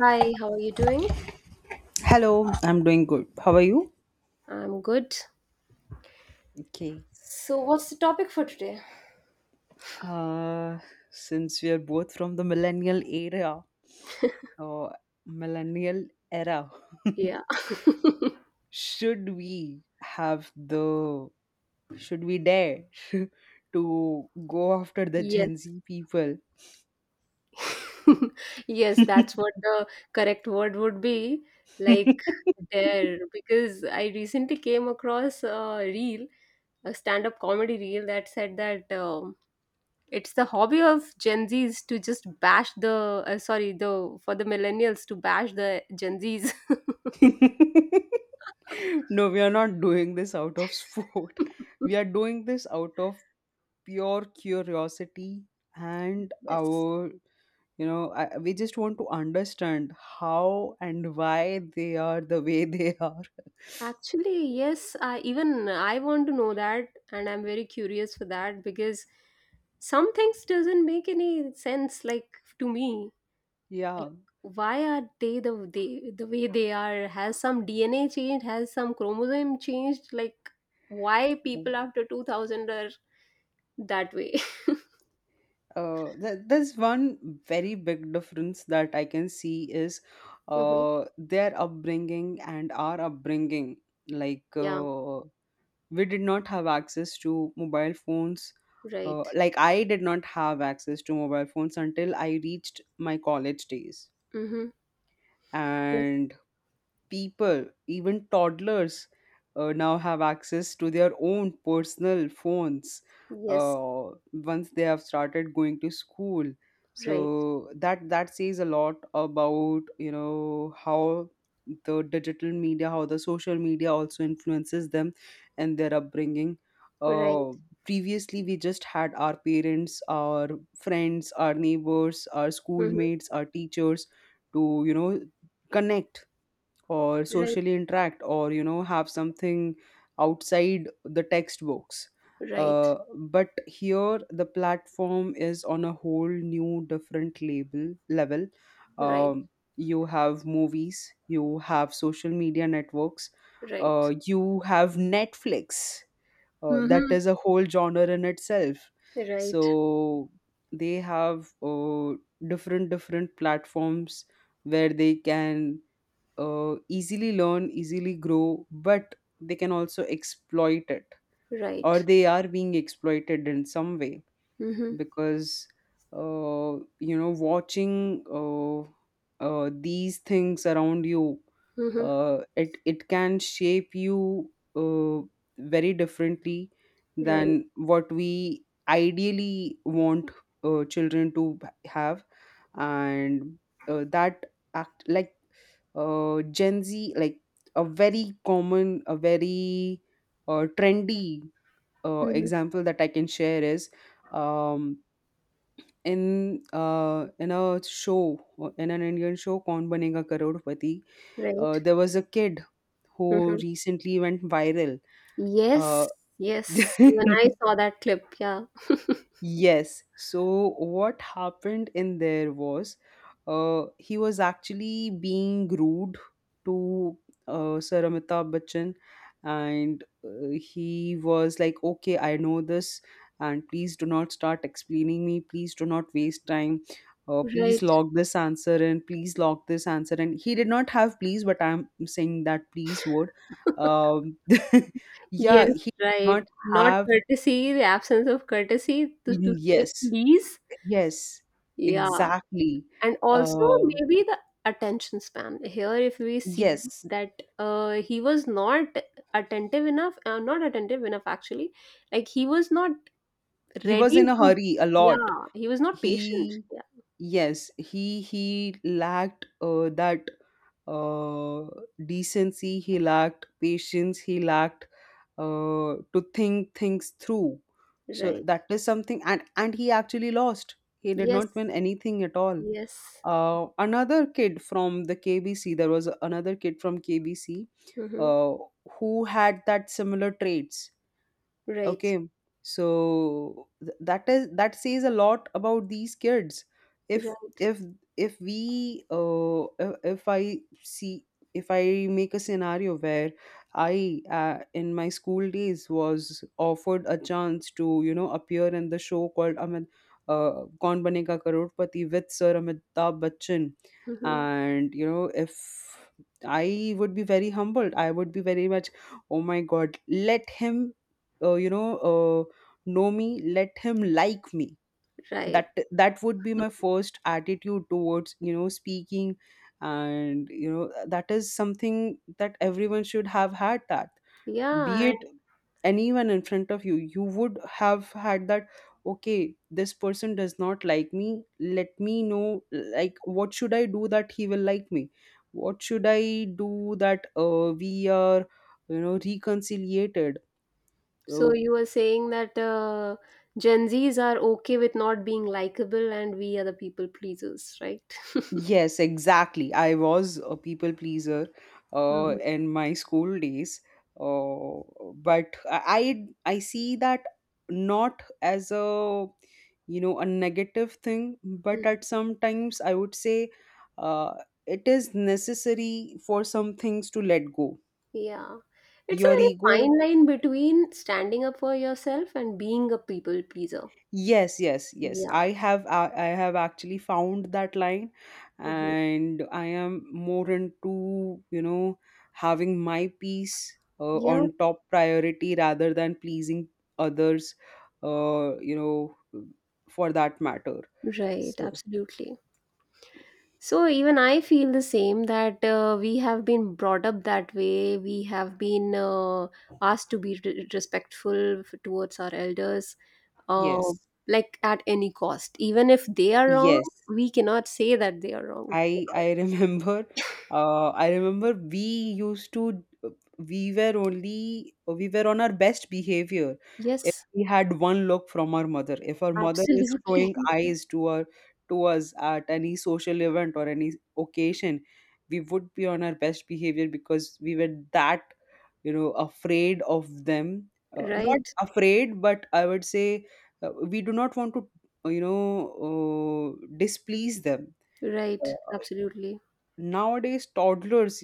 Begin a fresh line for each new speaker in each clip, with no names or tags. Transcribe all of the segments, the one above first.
Hi, how are you doing?
Hello, I'm doing good. How are you?
I'm good.
Okay.
So, what's the topic for today?
Uh, since we are both from the millennial era or millennial era,
Yeah.
should we have the should we dare to go after the Gen
Yes.
Z people?
Yes, that's what the correct word would be. Like dare, because I recently came across a reel, a stand-up comedy reel that said that it's the hobby of Gen Zs to just bash the sorry, the for the millennials to bash the Gen Zs.
No, we are not doing this out of sport. We are doing this out of pure curiosity and
Yes.
our you know I, we just want to understand how and why they are the way they are.
Actually, yes, I even I want to know that, and I'm very curious for that because some things doesn't make any sense, like, to me. Like
Yeah.
why are they the the way they are? Has some DNA changed? Has some chromosome changed? Like why people after 2000 are that way?
There's one very big difference that I can see is
Hmm.
their upbringing and our upbringing, like
Yeah,
we did not have access to mobile phones,
right.
like I did not have access to mobile phones until I reached my college days,
Mm-hmm. Yes.
and people, even toddlers, now have access to their own personal phones
Yes.
once they have started going to school.
Right.
So that says a lot about how the digital media, how the social media also influences them and their upbringing.
Right.
Uh, Previously, we just had our parents, our friends, our neighbors, our
Mm-hmm.
schoolmates, our teachers to connect or
Right.
socially interact or have something outside the textbooks,
Right.
uh, but here the platform is on a whole new different label level.
Right.
um, you have movies, you have social media networks,
Right.
you have Netflix. That
Mm-hmm.
is a whole genre in itself.
Right.
So they have different platforms where they can easily learn, easily grow, but they can also exploit it, or
Right.
they are being exploited in some way,
Mm-hmm.
because watching these things around you,
Mm-hmm.
it can shape you very differently
Right.
than what we ideally want children to have, and that act like Gen Z, like a very common, a very trendy
Mm-hmm.
example that I can share is, um, in a show, in an Indian show, Kaun Banega Karodpati,
Right.
there was a kid who
Mm-hmm.
recently went viral.
Yes.
Uh,
Yes. When I saw that clip, yeah.
Yes. So what happened in there was, he was actually being rude to, Sir Amitabh Bachchan, and he was like, "Okay, I know this, and please do not start explaining me. Please do not waste time. Please
Right.
log this answer in. Please log this answer in." He did not have please, but I'm saying that please word. Um, yeah,
Yes.
he did not
Right. Not
have
courtesy. The absence of courtesy, to
in,
say
yes.
please.
Yes,
Yeah.
exactly.
And also
Uh,
maybe the attention span. Here, if we see
yes,
that he was not attentive enough, not attentive enough, actually. Like he was not
he was
ready
in a
to.
hurry a lot.
Yeah. He was not patient.
He, yes, he lacked that uh, decency. He lacked patience. He lacked to think things through.
Yeah.
So
Right.
that is something, and he actually lost. He did not win
Yes,
anything at all.
yes.
Another kid from the KBC, there was another kid from KBC
Hmm.
uh, who had that similar traits.
Right.
Okay, so that says a lot about these kids. if
Right.
if if we uh, if, if I see if I make a scenario where I in my school days was offered a chance to appear in the show called, amit Kaun Banega Karotpati with Sir Amitabh Bachchan,
Hmm.
and if I would be very humbled, I would be very much, oh my god, let him, uh, you know uh, know me, let him like me. that
Right.
that would be my first attitude towards speaking, and that is something that everyone should have had, that,
Yeah,
be
and
it anyone in front of you would have had that, okay this person does not like me, let me know, like what should I do that he will like me, what should I do that we are reconciliated. Uh,
so you were saying that Gen Zs are okay with not being likable, and we are the people pleasers, right?
Yes, exactly. I was a people pleaser
Mhm.
in my school days, but I see that not as a you know a negative thing, but at
Mhm.
sometimes I would say uh, it is necessary for some things to let go.
Yeah. It's a
Your
very
ego.
fine line between standing up for yourself and being a people pleaser.
Yes, yes, yes. I
Yeah.
have I, I have actually found that line,
Mhm.
and I am more into, having my peace
Yeah,
on top priority rather than pleasing others, uh, you know, for that matter.
right.
So,
Absolutely. So even I feel the same that we have been brought up that way. We have been asked to be respectful towards our elders, uh,
yes.
like, at any cost. Even if they are wrong,
Yes.
we cannot say that they are wrong.
I remember, I remember we used to we were only we were on our best behavior if
Yes,
we had one look from our mother. If our mother is
absolutely.
showing eyes to her to us at any social event or any occasion, we would be on our best behavior because we were that afraid of them. Not
Right,
afraid, but I would say we do not want to displease them. Uh,
right, absolutely.
Nowadays toddlers,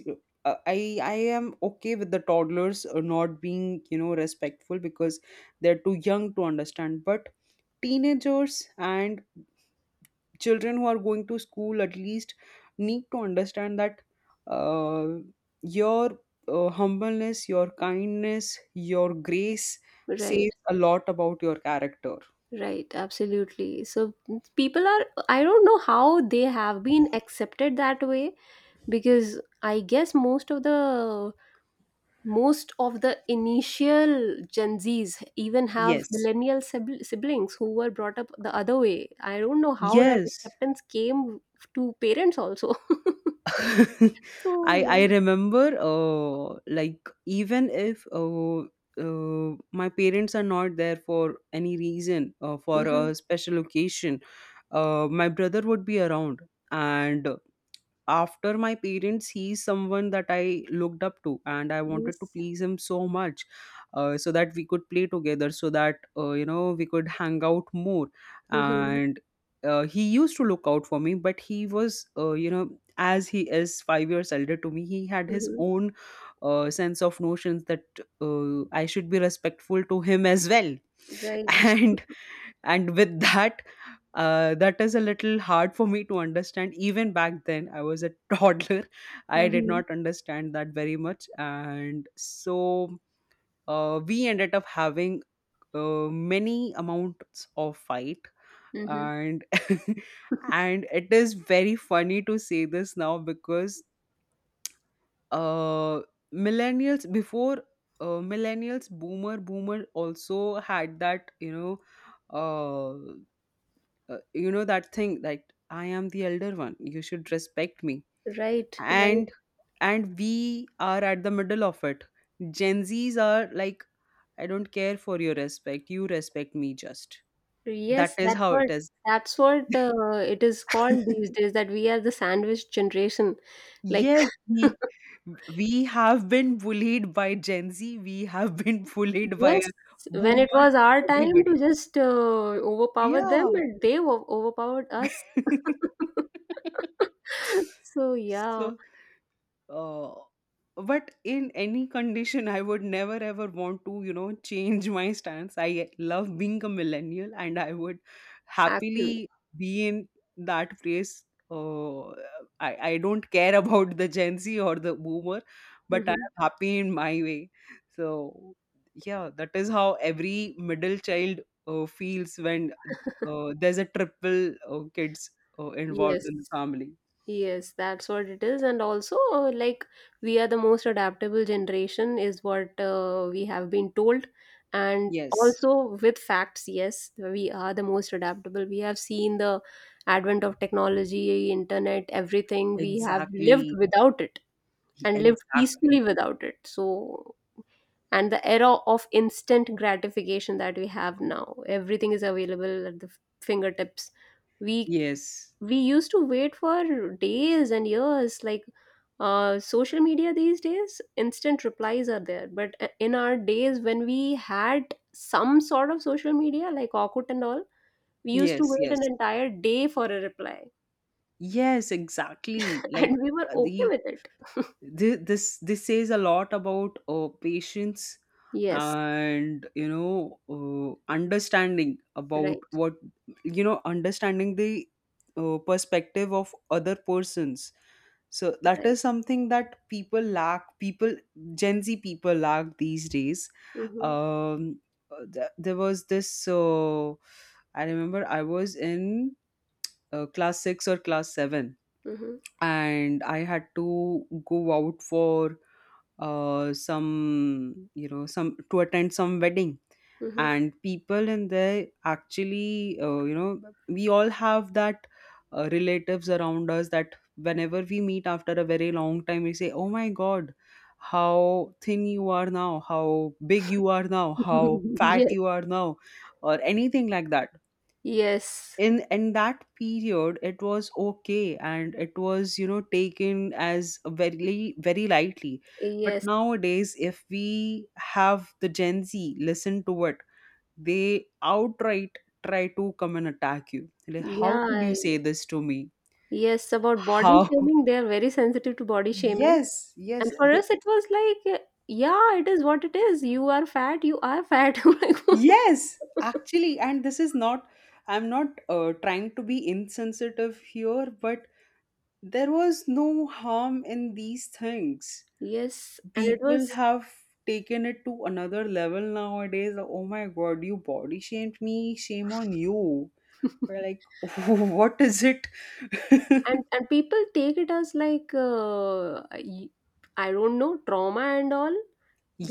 I am okay with the toddlers not being respectful because they're too young to understand, but teenagers and children who are going to school at least need to understand that uh, your humbleness, your kindness, your grace says
Right,
a lot about your character.
right, absolutely. So people are, I don't know how they have been accepted that way, because I guess most of the initial Gen Zs even have
Yes,
millennial siblings who were brought up the other way. I don't know how that
yes.
acceptance came to parents also. So
I
yeah.
I remember, like even if, uh, my parents are not there for any reason, for
Mm-hmm.
a special occasion, my brother would be around, and after my parents he's someone that I looked up to, and I wanted to
Yes.
please him so much, so that we could play together, so that we could hang out more,
Mm-hmm.
and he used to look out for me, but he was, as he is 5 years elder to me, he had his
Mm-hmm.
own sense of notions that I should be respectful to him as well,
Right.
and with that, that is a little hard for me to understand. Even back then, I was a toddler. I did
Mm-hmm.
not understand that very much. And so we ended up having many amounts of fight.
Mm-hmm.
And and it is very funny to say this now because uh, millennials before, millennials, boomer also had that, uh. That thing that I am the elder one, you should respect me,
Right. Right.
and we are at the middle of it. Gen Z's are like, I don't care for your respect, you respect me, just that
Yes.
is
That's
how
what.
it is.
That's what it is called these days. That we are the sandwich generation. Like.
Yes, we have been bullied by Gen Z, we have been bullied by
Yes, when it
boomers,
was our time
everybody,
to just overpower them,
yeah.
and they overpowered us. So yeah,
So, uh, but in any condition I would never ever want to change my stance, I love being a millennial, and I would
actually,
happily be in that place. Uh, I, I don't care about the Gen Z or the boomer, but I
hmm
am happy in my way. So yeah, that is how every middle child feels when there's a triple kids involved
yes,
in the family.
yes, that's what it is. And also, like, we are the most adaptable generation, is what we have been told. And
Yes,
also with facts, yes, we are the most adaptable. We have seen the advent of technology, internet, everything. We have lived
exactly.
without it, and lived peacefully
Exactly.
without it. So, and the era of instant gratification that we have now, everything is available at the fingertips. We
Yes.
we used to wait for days and years, like, social media these days, instant replies are there. But in our days, when we had some sort of social media like Orkut and all, we used to
Yes.
wait an
Yes.
entire day for a reply,
Yes. Exactly. Like
and we were okay
the
with it.
Thi- this says a lot about patience,
Yes,
and understanding about
right,
what, understanding the perspective of other persons. So that
right.
is something that people, Gen Z people, lack these days.
Mm-hmm,
um there was this. So I remember I was in, class 6 or class 7,
mm-hmm.
and I had to go out for, some, some, to attend some wedding.
Mhm.
And people in there, actually, we all have that, relatives around us that whenever we meet after a very long time we say, oh my god, how thin you are now, how big you are now, how fat you are now, or anything like that.
Yes,
in
yes,
in that period it was okay, and it was taken as very, very lightly. But
yes,
nowadays if we have the Gen Z listen to it, they outright try to come and attack you like, how
yeah,
could you say this to me,
yes. About body
how?
shaming, they are very sensitive to body shaming.
Yes, yes,
And for
they.
us, it was like, yeah, it is what it is. You are fat, you are fat. I'm like,
Yes, actually, and this is not I'm not trying to be insensitive here, but there was no harm in these things.
yes, and it
People
was.
have taken it to another level nowadays. Like, oh my god, you body shamed me, shame on you. We're like, what is it?
And people take it as, like, I don't know, trauma and all,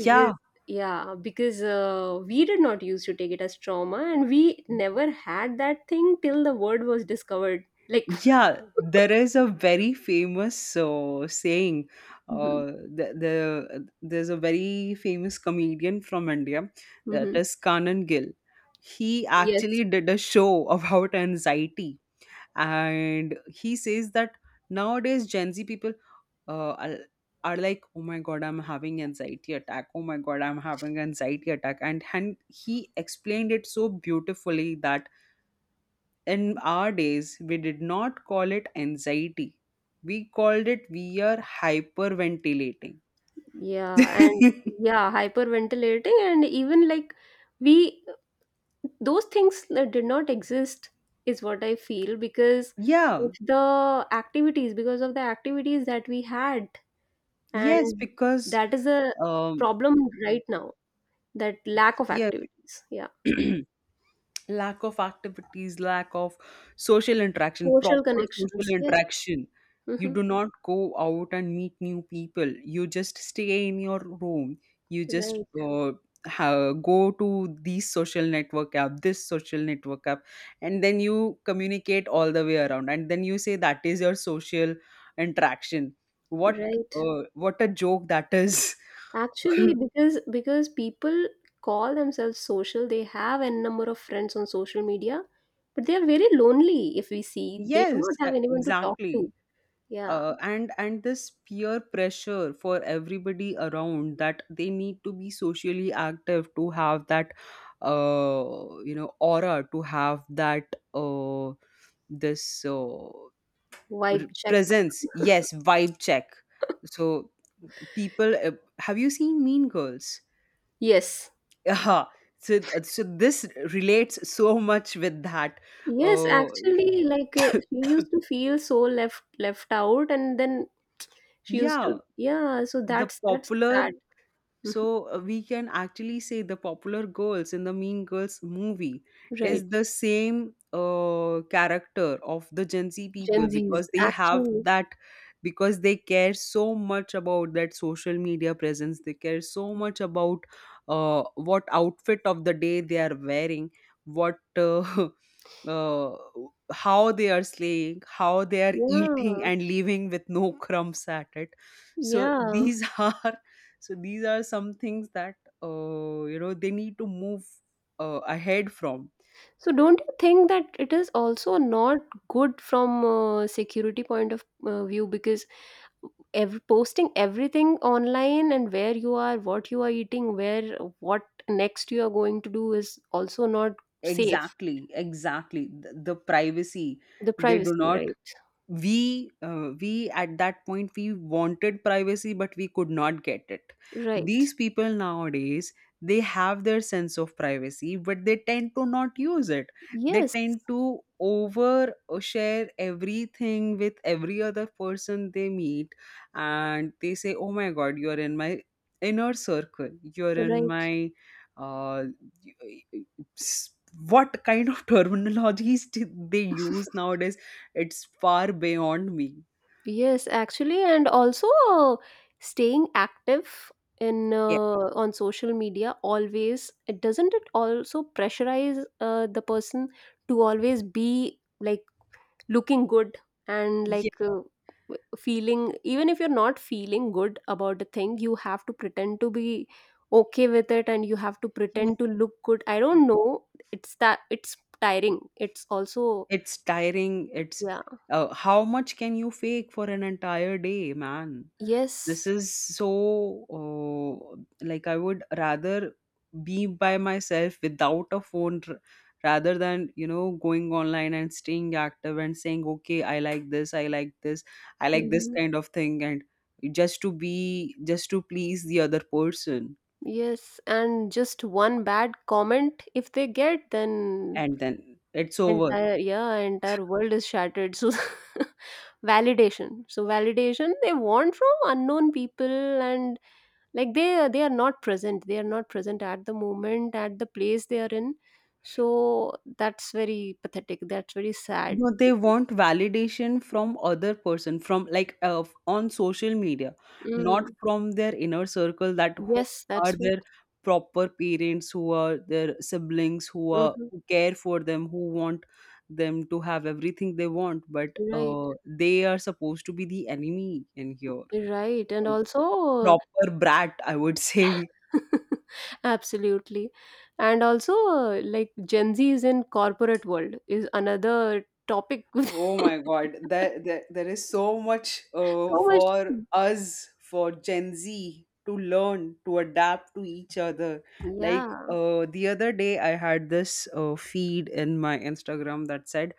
because yeah because we did not used to take it as trauma, and we never had that thing till the word was discovered, like.
yeah, there is a very famous saying.
Mhm,
Uh, there's a very famous comedian from India, that
mhm.
is Kanan Gill. He
Yes.
actually did a show about anxiety, and he says that nowadays Gen Z people uh, are, are like, oh my god, I'm having anxiety attack. Oh my god, I'm having anxiety attack. And he explained it so beautifully that in our days we did not call it anxiety. We called it we are hyperventilating.
Yeah, and yeah, hyperventilating. And even, like, we those things that did not exist is what I feel because
Yeah.
of the activities, that we had.
Yes,
And
because
that is a
um
problem right now, that lack of
yeah
activities. Yeah,
lack of activities, lack of social interaction,
social
proper social
connections, yes.
interaction. You
Hmm.
do not go out and meet new people. You just stay in your room. You just
Right,
go to these social network app, and then you communicate all the way around. And then you say that is your social interaction. What
right.
what a joke that is.
Actually, because people call themselves social, they have a number of friends on social media, but they are very lonely, if we see. They do
yes,
not have
e-
anyone to talk
Exactly.
to. Yeah.
And this peer pressure for everybody around that they need to be socially active to have that uh, aura to have that this uh,
Vibe check.
presence, yes, vibe check. So people have you seen Mean Girls?
Yes,
Yeah, so this relates so much with that.
yes,
Uh,
actually. Like, she used to feel so left out, and then she used to,
Yeah,
yeah. So
the
that's
popular
sad.
So we can actually say the popular girls in the Mean Girls movie is
Right.
the same character of the Gen Z people,
Gen Zs,
because they have
actually.
that, because they care so much about that social media presence. They care so much about what outfit of the day they are wearing, what uh, how they are slaying, how they are eating
Yeah.
and leaving with no crumbs at it. So
Yeah.
these are so these are some things that you know they need to move ahead from.
So don't you think that it is also not good from a security point of view? Because ev posting everything online, and where you are, what you are eating, where what next you are going to do, is also not safe.
Exactly, exactly, the privacy.
The
They do
privacy,
not,
right?
we at that point we wanted privacy but we could not get it.
Right.
These people nowadays, they have their sense of privacy but they tend to not use it. They
Yes.
tend to over share everything with every other person they meet, and they say, oh my God, you're in my inner circle, you're in
Right.
my uh, y- y- s- what kind of terminologies did they use nowadays? It's far beyond me.
Yes, actually. And also, staying active in
Yeah.
on social media always, it doesn't, it also pressurize the person to always be, like, looking good, and,
Yes,
like, feeling. Even if you're not feeling good about a thing, you have to pretend to be okay with it, and you have to
yes,
pretend to look good. I don't know. It's that it's tiring. It's also,
it's tiring. It's
yeah.
How much can you fake for an entire day, man? This
Yes.
is so, like, I would rather be by myself without a rather than, you know, going online and staying active and saying, okay, I like this, I like this, I like this
Mm-hmm.
kind of thing, and just to be, just to please the other person,
Yes, and just one bad comment if they get, then
and then it's over.
entire yeah, entire world is shattered. So validation. So validation they want from unknown people, and, like, they are not present. They are not present at the moment, at the place they are in. So that's very pathetic. That's very sad.
No, they
It is.
want validation from other person, from on social media, not
Mm.
from their inner circle, that who
Yes,
are
that's what.
their proper parents, who are their siblings, who are,
Hmm.
who care for them, who want them to have everything they want. But
Right,
they are supposed to be the enemy in here.
right. And
A
also
proper brat, I would say.
absolutely. And also, like, Gen Z is in corporate world is another topic.
Oh my God, there is so much
So much.
for us, for Gen Z, to learn, to adapt to each other. Like,
Yeah.
the other day, I had this feed in my Instagram that said,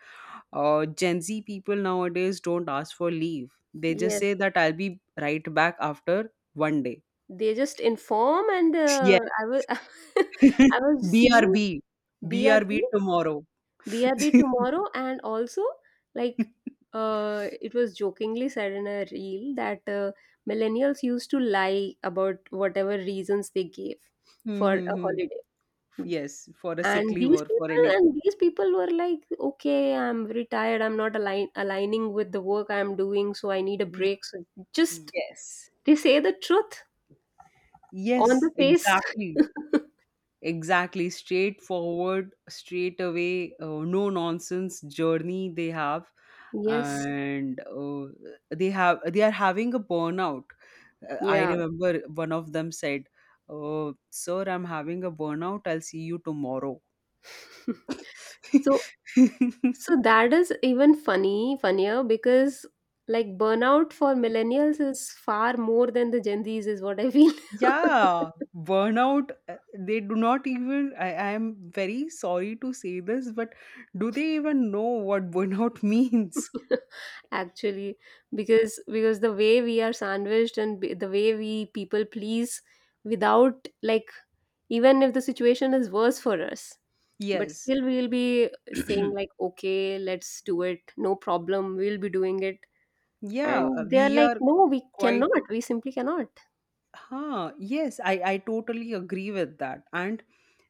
Gen Z people nowadays don't ask for leave. They just
Yes.
say that I'll be right back after one day.
They just inform, and
Yeah.
I was I was seeing
BRB.
B R
BRB
B
tomorrow.
B R B tomorrow, and also, like, it was jokingly said in a reel that millennials used to lie about whatever reasons they gave
Hmm,
for
hmm,
a
hmm.
holiday.
Yes, for a sick
and
leave
these
or for
people
anything.
and these people were like, okay, I'm very tired, I'm not aligning with the work I'm doing, so I need a break. So just
Yes.
they say the truth on
Yes,
the face.
exactly. Exactly. Straightforward, straight away, no nonsense journey they have.
Yes,
And they are having a burnout. I
yeah.
remember one of them said, "Oh, sir, I'm having a burnout. I'll see you tomorrow."
so so that is even funny funnier, because, like, burnout for millennials is far more than the Gen Z's, is what I feel.
Yeah, burnout. They do not even. I am very sorry to say this, but do they even know what burnout means?
Actually, because the way we are sandwiched, and the way we people please, without, like, even if the situation is worse for us, but
Yes.
still we'll be saying, like, okay, let's do it, no problem, we'll be doing it.
Yeah,
And they're
we
like,
are q-
no, we
quite,
cannot, we simply cannot.
huh? Yes, I totally agree with that. And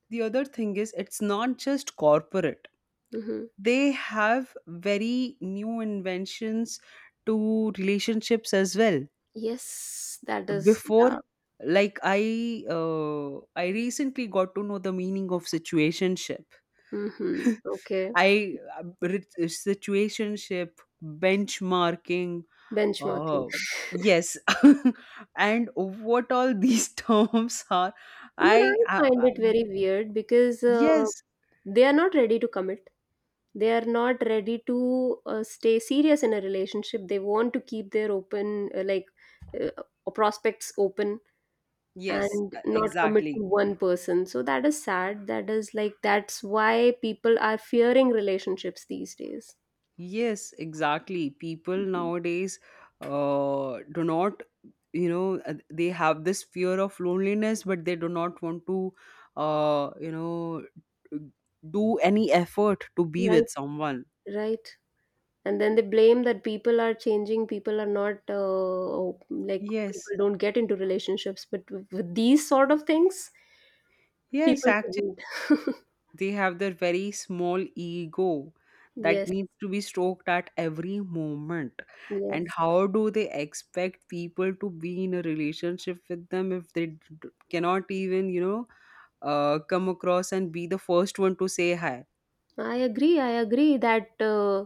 the other thing is, it's not just corporate,
Hmm.
they have very new inventions to relationships as well.
Yes, that is, yeah.
Before, I recently got to know the meaning of situationship.
Hmm. Okay.
I Situationship, benchmarking,
Benchmarking.
Uh, yes. And what all these terms are,
Even I
I, uh,
find it very
um,
weird, because
yes,
they are not ready to commit, they are not ready to stay serious in a relationship, they want to keep their open like uh, prospects open,
yes,
and not commit to
exactly.
one person. So that is sad, that is, like, that's why people are fearing relationships these days.
Yes, exactly. People
Mhm.
nowadays do not, you know, they have this fear of loneliness, but they do not want to, you know, do any effort to be with
Right,
someone.
right. And then they blame that people are changing, people are not, like,
Yes,
people don't get into relationships. But with these sort of things,
yes.
people shouldn't.
They have their very small ego that
Yes,
needs to be stroked at every moment. And
yes.
how do they expect people to be in a relationship with them if they cannot even, you know, come across and be the first one to say hi?
I agree. I agree that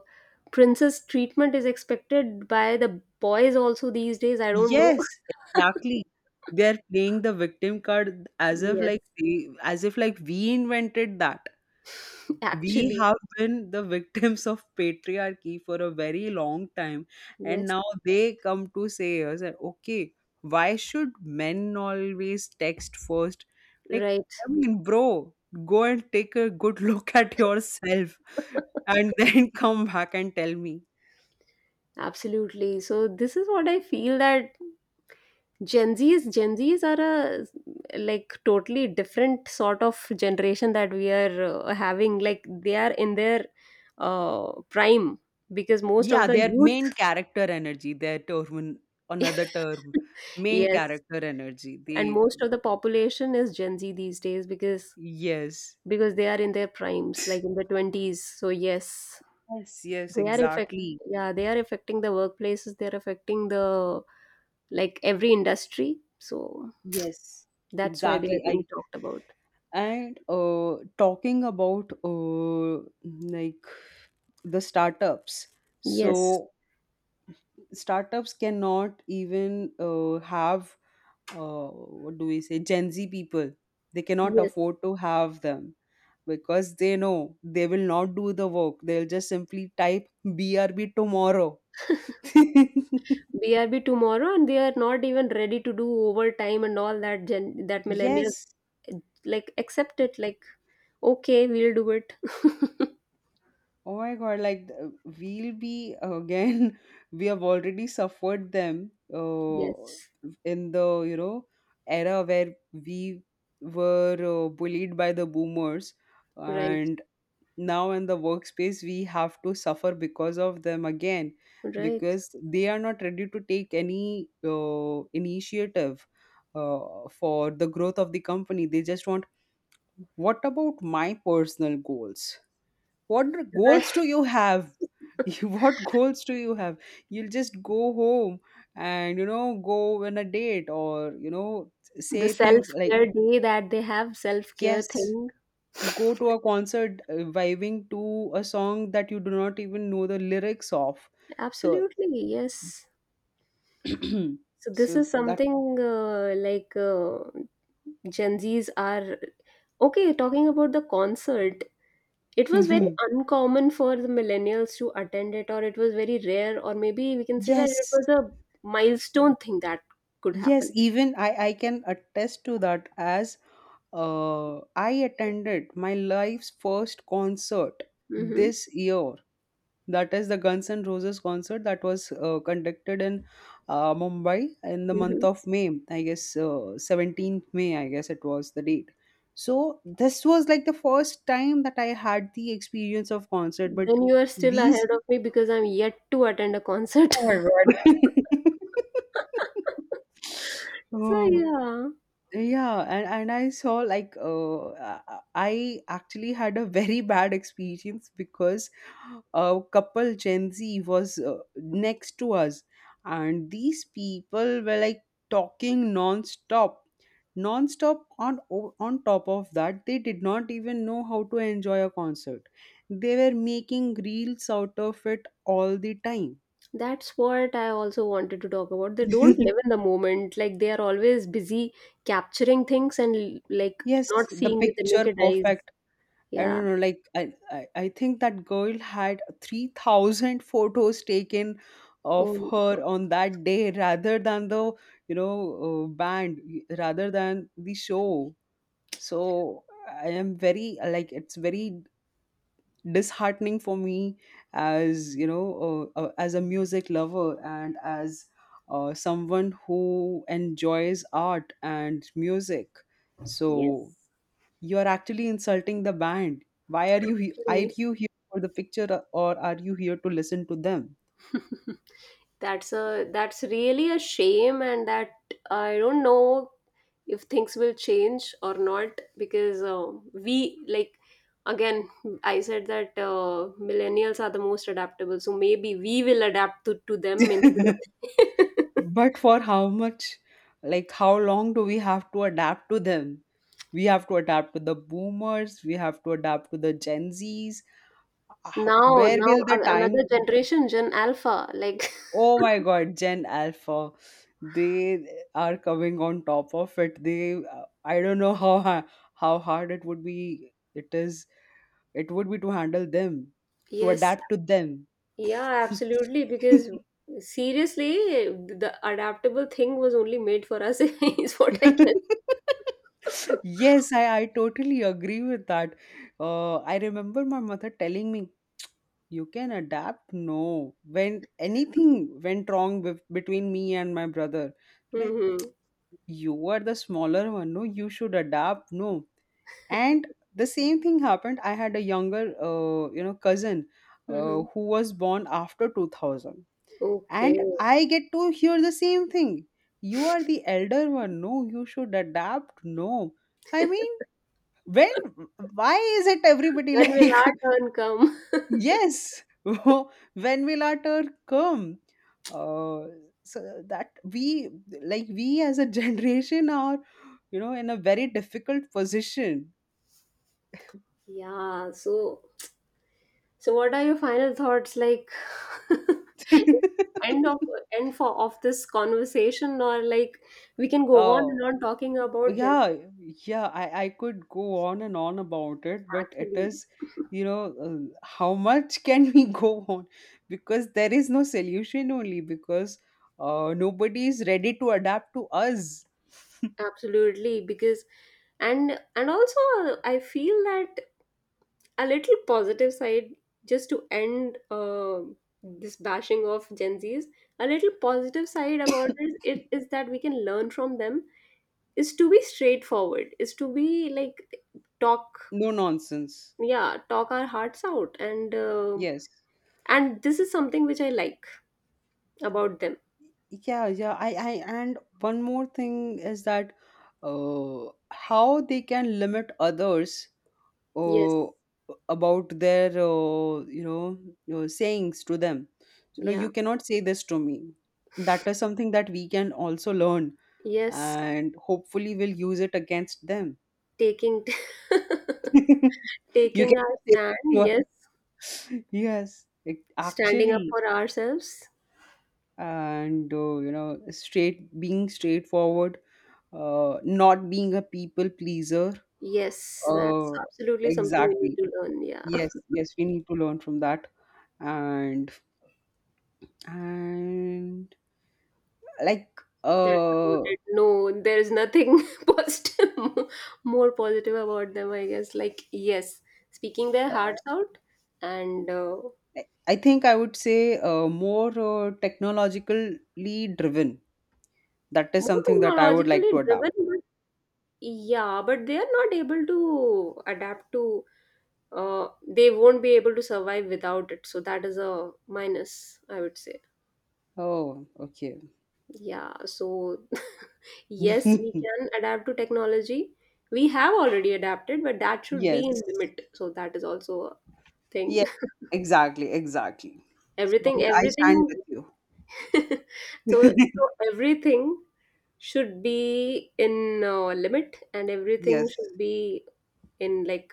princess treatment is expected by the boys also these days. I don't know.
Yes, exactly. They're playing the victim card as if
Yes,
like they, as if like we invented that. We
actually,
have been the victims of patriarchy for a very long time, and
yes,
now they come to say us that, okay, why should men always text first? Like,
right.
I mean, bro, go and take a good look at yourself and then come back and tell me.
Absolutely. So this is what I feel, that Gen Zs, Gen Zs are a, like, totally different sort of generation that we are having. Like they are in their prime, because most
Yeah,
of the
their main
youth,
character energy, their term, another term, main
yes,
character energy they,
and most of the population is Gen Z these days, because
yes,
they are in their primes, like, in the 20s. So yes,
yes, yes,
they are affect
exactly.
yeah, they are affecting the workplaces, they are affecting the, like, every industry. So
Yes,
that's why they are
exactly.
being
I,
talked about.
and talking about like the startups.
Yes,
So startups cannot even have, what do we say, Gen Z people. They cannot
yes.
afford to have them because they know they will not do the work. They'll just simply type BRB tomorrow.
BRB tomorrow, and they are not even ready to do overtime and all that Gen, that millennials,
Yes,
eh, like, accept it, like, okay, we'll do it.
oh my God. We'll be again, we have already suffered them
Yes,
in the, you know, era where we were bullied by the boomers.
right.
And now in the workspace, we have to suffer because of them again,
Right,
because they are not ready to take any initiative for the growth of the company. They just want, what about my personal goals? What goals
right.
do you have? You- what goals do you have? You'll just go home and, you know, go on a date, or you know,
The
say
self
things like,
care day that they have, self care
yes,
thing.
go to a concert, vibing to a song that you do not even know the lyrics of. So
Absolutely, yes. So this
so
is
that
something, Gen Z's are okay. Talking about the concert, it was very uncommon for the millennials to attend it, or it was very rare, or maybe we can say that it
Yes.
was a milestone thing that could
Yes,
happen.
even I can attest to that as, I attended my life's first concert
Mm-hmm.
this year. That is the Guns N' Roses concert that was conducted in Mumbai in the month
Mm-hmm.
of May. I guess 17th May, I guess it was the date. So this was like the first time that I had the experience of concert, but
Then you are still
these.
ahead of me because I'm yet to attend a concert.
Oh my God.
So
Oh.
yeah,
Yeah, and I saw like I actually had a very bad experience because a couple Gen Z was next to us, and these people were like talking non-stop, non-stop. On on top of that, they did not even know how to enjoy a concert. They were making reels out of it all the time.
that's what I also wanted to talk about. They don't live in the moment. Like they are always busy capturing things, and, like,
Yes,
not
the
seeing with the
picture
naked eyes.
perfect. I
Yeah.
don't know, like I think that girl had 3,000 photos taken
Oh
of
my
her
God.
on that day rather than the, you know, band, rather than the show. So I am very, like, it's very disheartening for me as, you know, as a music lover and as someone who enjoys art and music. So
Yes,
you are actually insulting the band. Why are you are
actually.
you here for the picture or are you here to listen to them?
That's a, that's really a shame. And that I don't know if things will change or not, because we, like, again, I said that millennials are the most adaptable, so maybe we will adapt to them, instead of
But for how much, like, how long do we have to adapt to them? We have to adapt to the boomers, we have to adapt to the Gen Zs. Ah, how- where will the
another
time come?
generation, Gen Alpha. Like.
Oh my God, Gen Alpha. They are coming on top of it. They, I don't know how hard it would be. It is, it would be, to handle them, to
Yes,
adapt to them.
yeah, absolutely, because seriously, the adaptable thing was only made for us, is what I can.
Yes, I totally agree with that. I remember my mother telling me, you can adapt. No, when anything went wrong with, between me and my brother, like,
Mm-hmm.
you are the smaller one, no, you should adapt. No, and the same thing happened. I had a younger, you know, cousin,
Mm-hmm.
who was born after 2000,
Okay.
and I get to hear the same thing. You are the elder one. No, you should adapt. No. I
When
mean, when, why is it everybody
will
like,
our turn come?
yes, when will our turn come? Uh, so that we, like, we as a generation are, you know, in a very difficult position.
Yeah, so what are your final thoughts, like? Is end of end for of this conversation, or, like, we can go on and
Oh,
on talking about Gen
yeah,
genetics?
yeah. I could go on and on about it, but it
Actually,
is, you know, how much can we go on? Because there is no solution only because nobody is ready to adapt to us.
absolutely, because, and also, I feel that a little positive side, just to end this bashing of Gen Zs, a little positive side about it is that we can learn from them, is to be straightforward, is to be like talk.
No nonsense.
Yeah, talk our hearts out. and uh,
Yes.
and this is something which I like about them.
Yeah, yeah. And one more thing is that how they can limit others
Yes,
uh, about their, you know, sayings to them, so, no,
yeah,
you cannot say this to me. That is something that we can also learn,
yes.
and hopefully we'll use it against them.
Taking
You
taking
can
our
say it
stand,
to us.
yes,
Yes, it
standing up
actually,
for ourselves.
and you know, straight, being straightforward, not being a people pleaser,
Yes, that's
uh,
absolutely something we need
exactly,
to learn. Yeah.
yes, yes, we need to learn from that. and and, like,
That's about
uh,
it, no? There is nothing, positive, more positive about them, I guess. Like, yes, speaking their
uh
hearts out. And
I think I would say, more, technologically driven, that is
more
something that I would like
technologically
to adopt.
driven, but yeah, but they are not able to adapt to, they won't be able to survive without it. So that is a minus, I would say.
Oh, okay.
Yeah. So yes, we can adapt to technology. We have already adapted, but that should be
Yes,
in limit. So that is also a thing.
yeah, exactly, exactly. So
Everything,
yeah, I stand
everything.
with
so
you.
so everything should be in, limit and everything
Yes,
should be in like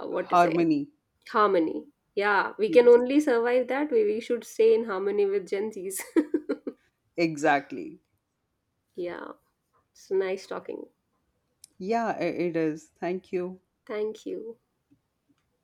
what to say,
harmony,
harmony. Yeah. We can
yes,
only survive that way. We should stay in harmony with Gen Z's.
exactly.
Yeah. It's nice talking.
Yeah, it is, thank you.
Thank you.